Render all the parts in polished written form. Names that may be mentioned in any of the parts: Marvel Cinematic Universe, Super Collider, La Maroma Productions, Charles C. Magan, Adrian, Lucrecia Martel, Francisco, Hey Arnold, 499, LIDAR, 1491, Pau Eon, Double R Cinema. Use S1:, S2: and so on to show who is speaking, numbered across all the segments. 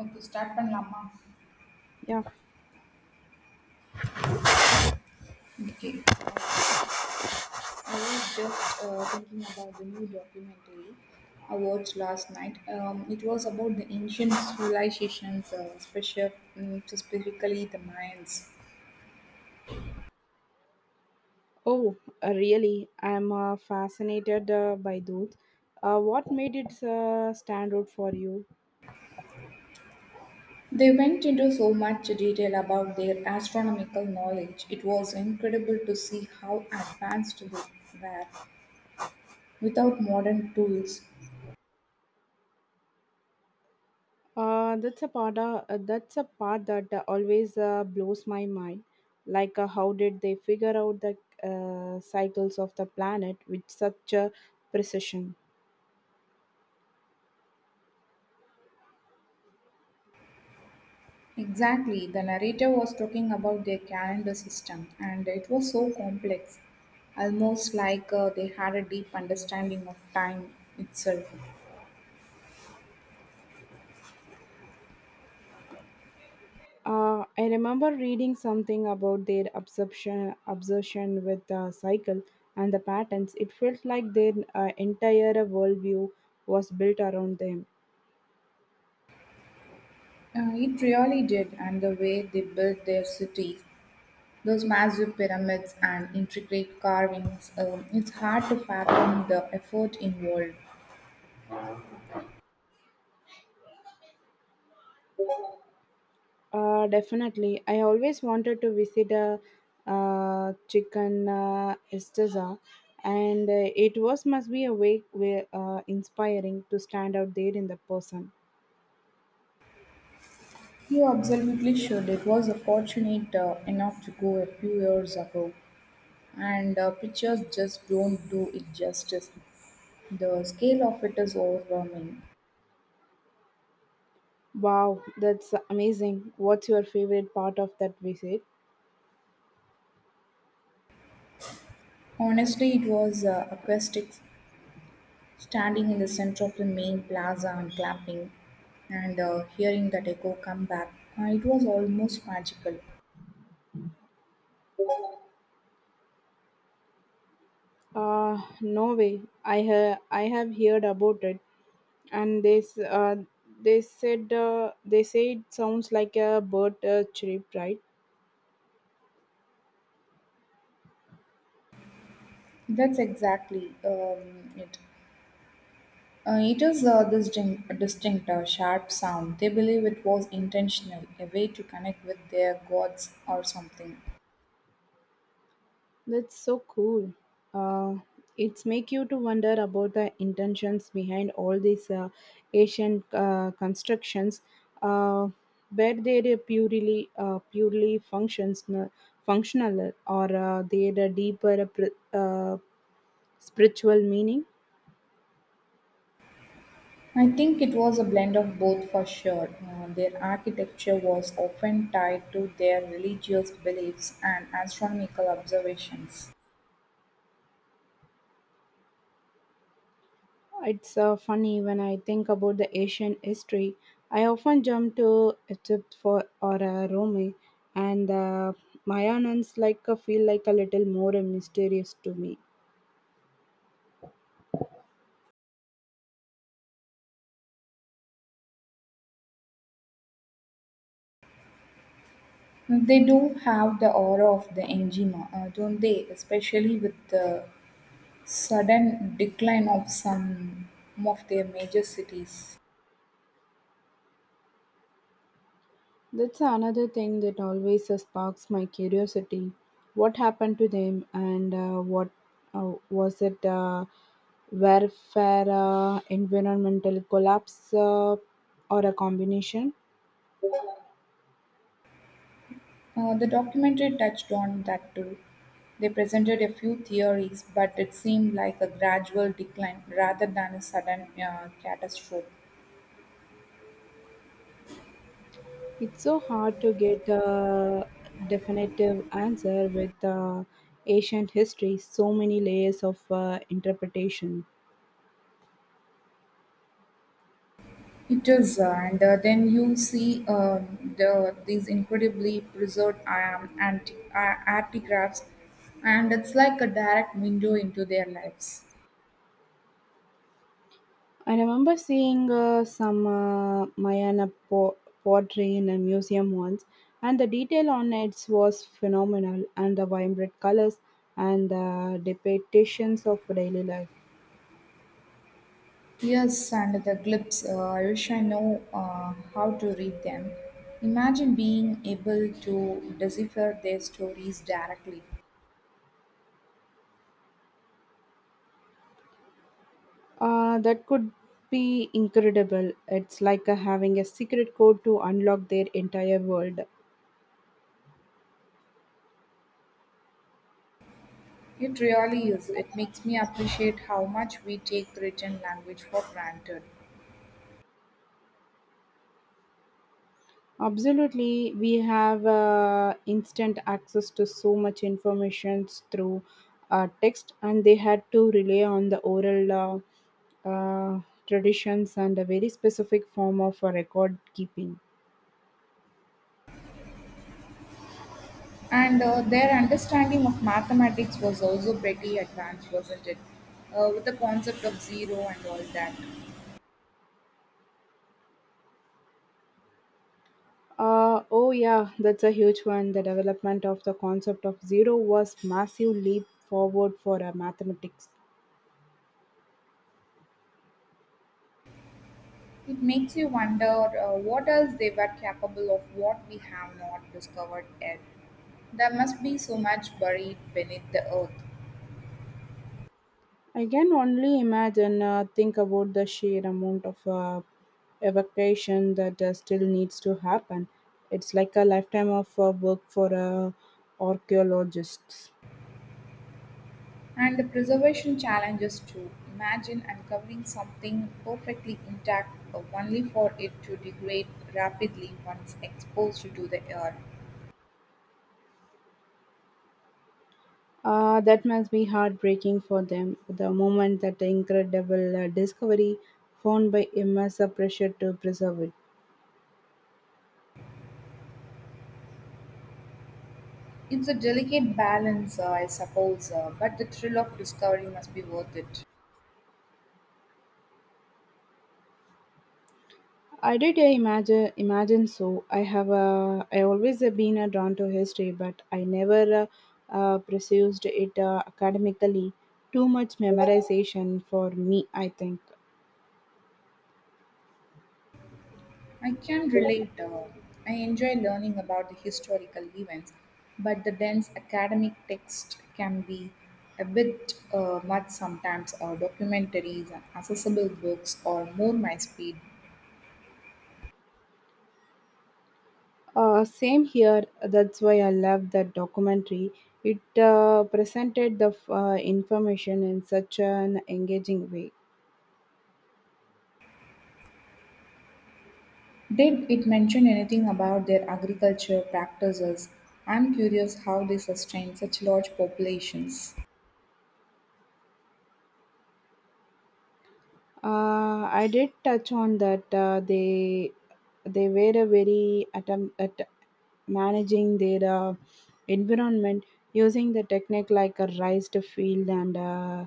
S1: Okay, start பண்ணலாமா?
S2: Yeah.
S1: Okay, I was just thinking about the new documentary I watched last night. It was about the ancient civilizations, specifically the Mayans.
S2: Oh, really? I'm fascinated by those. What made it stand out for you?
S1: They went into so much detail about their astronomical knowledge. It was incredible to see how advanced they were without modern tools.
S2: That's a part. That's a part that always blows my mind. Like, how did they figure out the cycles of the planet with such a precision?
S1: Exactly, the narrator was talking about their calendar system, and it was so complex, almost like they had a deep understanding of time itself.
S2: I remember reading something about their obsession with the cycle and the patterns. It felt like their entire worldview was built around them.
S1: It really did, and the way they built their cities, those massive pyramids and intricate carvings, it's hard to fathom the effort involved.
S2: Definitely. I always wanted to visit a chicken Estaza, and it was must be a way inspiring to stand out there in the person.
S1: You absolutely should. It was a fortunate enough to go a few years ago, and pictures just don't do it justice. The scale of it is overwhelming.
S2: Wow, that's amazing. What's your favorite part of that visit?
S1: Honestly, it was acoustics, standing in the center of the main plaza and clapping and hearing that echo come back. It was almost magical.
S2: No way. I have heard about it, and this, they said, they say it sounds like a bird chirp, right?
S1: That's exactly it. It is distinct, sharp sound. They believe it was intentional, a way to connect with their gods or something.
S2: That's so cool. Uh, it's make you to wonder about the intentions behind all these Asian constructions, uh, where they are purely functional, or they are deeper spiritual meaning.
S1: I think it was a blend of both for sure. Their architecture was often tied to their religious beliefs and astronomical observations.
S2: It's funny when I think about the Asian history. I often jump to Egypt for or Rome, and Mayans like feel like a little more mysterious to me.
S1: They do have the aura of the angina, don't they? Especially with the sudden decline of some of their major cities.
S2: That's another thing that always sparks my curiosity. What happened to them, and what was it? Warfare, environmental collapse, or a combination?
S1: The documentary touched on that too. They presented a few theories, but it seemed like a gradual decline rather than a sudden catastrophe.
S2: It's so hard to get a definitive answer with ancient history, so many layers of interpretation.
S1: It is, and then you see these incredibly preserved artifacts, and it's like a direct window into their lives.
S2: I remember seeing some Mayana pottery in a museum once, and the detail on it was phenomenal, and the vibrant colors and the depictions of daily life.
S1: Yes, and the clips. I wish I know how to read them. Imagine being able to decipher their stories directly.
S2: That could be incredible. It's like having a secret code to unlock their entire world.
S1: It really is. It makes me appreciate how much we take written language for granted.
S2: Absolutely, we have instant access to so much information through text, and they had to rely on the oral uh, traditions and a very specific form of record keeping.
S1: And their understanding of mathematics was also pretty advanced, wasn't it? With the concept of zero and all that.
S2: Oh, yeah, that's a huge one. The development of the concept of zero was massive leap forward for mathematics.
S1: It makes you wonder what else they were capable of, what we have not discovered yet. There must be so much buried beneath the earth.
S2: I can only imagine, think about the sheer amount of evacuation that still needs to happen. It's like a lifetime of work for archaeologists.
S1: And the preservation challenges too. Imagine uncovering something perfectly intact only for it to degrade rapidly once exposed to the air.
S2: That must be heartbreaking for them. The moment that incredible discovery found by immense pressure to preserve it.
S1: It's a delicate balance, I suppose, but the thrill of discovery must be worth it.
S2: I imagine so. I always have been drawn to history, but I never pursued it academically. Too much memorization for me, I think.
S1: I can relate. I enjoy learning about the historical events, but the dense academic text can be a bit much sometimes. Documentaries and accessible books are more my speed.
S2: Same here. That's why I love that documentary. It presented the information in such an engaging way.
S1: Did it mention anything about their agriculture practices? I'm curious how they sustain such large populations.
S2: I did touch on that they were a very at managing their environment using the technique like a raised field and uh,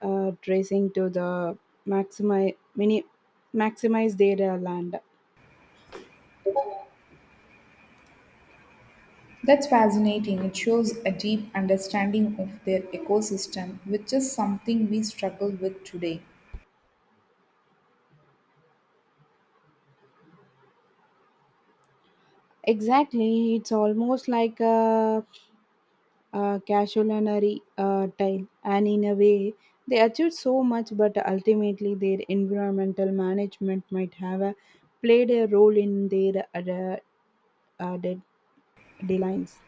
S2: uh, tracing to the maximize mini maximize their land.
S1: That's fascinating. It shows a deep understanding of their ecosystem, which is something we struggle with today.
S2: Exactly, it's almost like a casualary tile, and in a way, they achieved so much, but ultimately, their environmental management might have played a role in their uh, de- declines.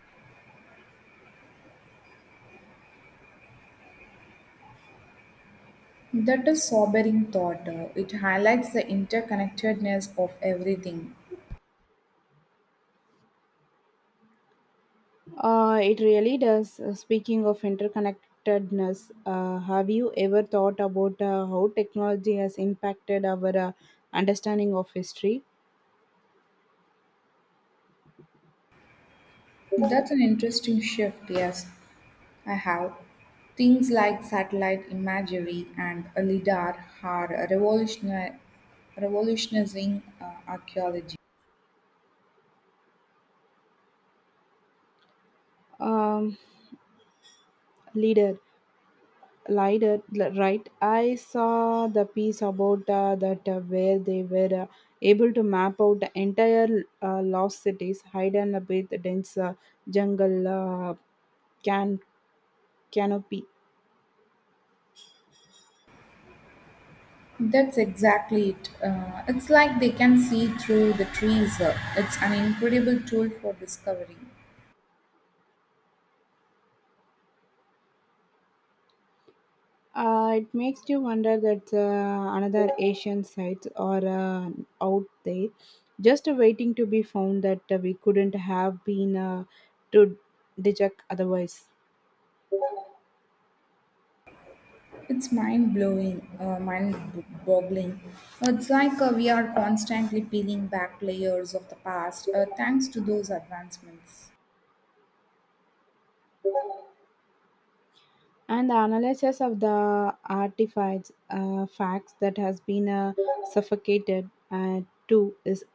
S1: That is sobering thought. It highlights the interconnectedness of everything.
S2: It really does. Speaking of interconnectedness, have you ever thought about how technology has impacted our understanding of history?
S1: That's an interesting shift, yes. I have. Things like satellite imagery and a LIDAR are revolutionizing archaeology.
S2: Um, leader, right? I saw the piece about that where they were able to map out the entire lost cities, hidden a bit dense jungle can canopy.
S1: That's exactly it. It's like they can see through the trees. It's an incredible tool for discovery.
S2: It makes you wonder that another Asian sites are out there, just waiting to be found that we couldn't have been to detect otherwise.
S1: It's mind blowing, boggling. It's like we are constantly peeling back layers of the past thanks to those advancements.
S2: And the analysis of the artifacts, facts that has been suffocated too is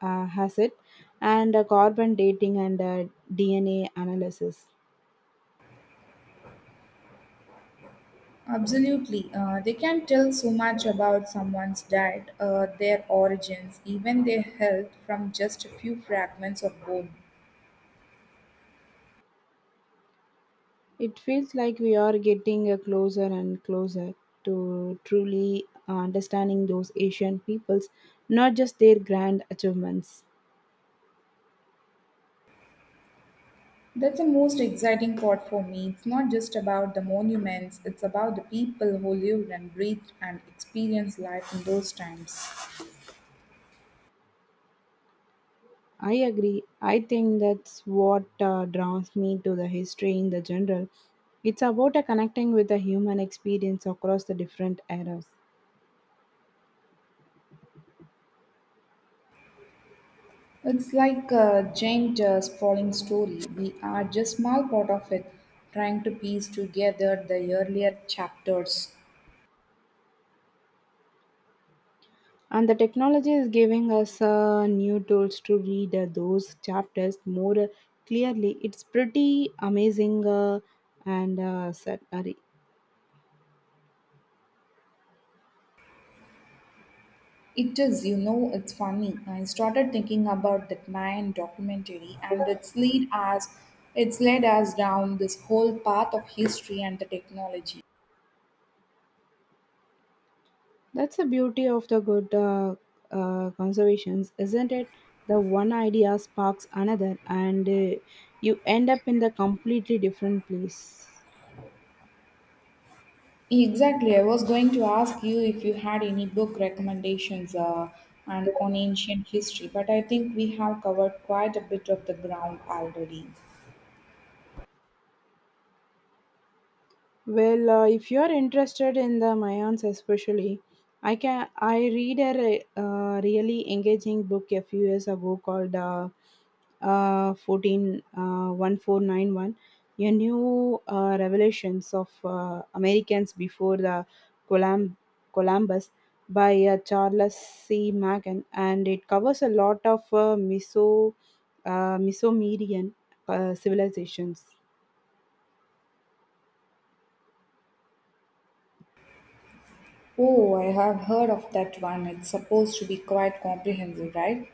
S2: has it, and carbon dating and DNA analysis.
S1: Absolutely. They can tell so much about someone's diet, their origins, even their health from just a few fragments of bone.
S2: It feels like we are getting closer and closer to truly understanding those Asian peoples, not just their grand achievements.
S1: That's the most exciting part for me. It's not just about the monuments, it's about the people who lived and breathed and experienced life in those times.
S2: I agree. I think that's what draws me to the history in the general. It's about connecting with the human experience across the different eras.
S1: It's like a giant sprawling story. We are just small part of it, trying to piece together the earlier chapters.
S2: And the technology is giving us new tools to read those chapters more clearly. It's pretty amazing. And uh, sad- uh,
S1: It is, you know, it's funny. I started thinking about that Mayan documentary and it's led us down this whole path of history and the technology.
S2: That's the beauty of the good conservations, isn't it? The one idea sparks another, and you end up in the completely different place.
S1: Exactly. I was going to ask you if you had any book recommendations and on ancient history, but I think we have covered quite a bit of the ground already.
S2: Well, if you're interested in the Mayans especially, I read a really engaging book a few years ago called uh, uh, 14 uh, 1491, a new revelations of Americans before the Colum- Columbus by Charles C. Magan, and it covers a lot of Mesomerian civilizations.
S1: Oh, I have heard of that one. It's supposed to be quite comprehensive, right?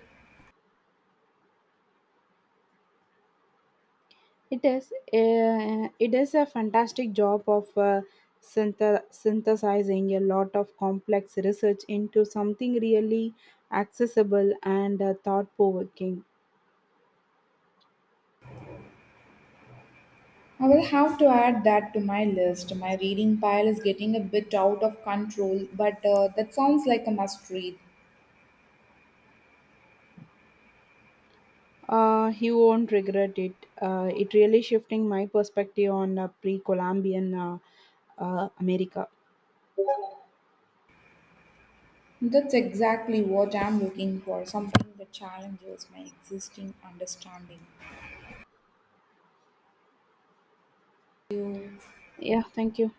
S2: It is a fantastic job of synthesizing a lot of complex research into something really accessible and thought provoking.
S1: I will have to add that to my list. My reading pile is getting a bit out of control, but that sounds like a must read.
S2: You won't regret it. It really shifting my perspective on pre-Columbian America.
S1: That's exactly what I'm looking for, something that challenges my existing understanding. You
S2: Yeah, thank you.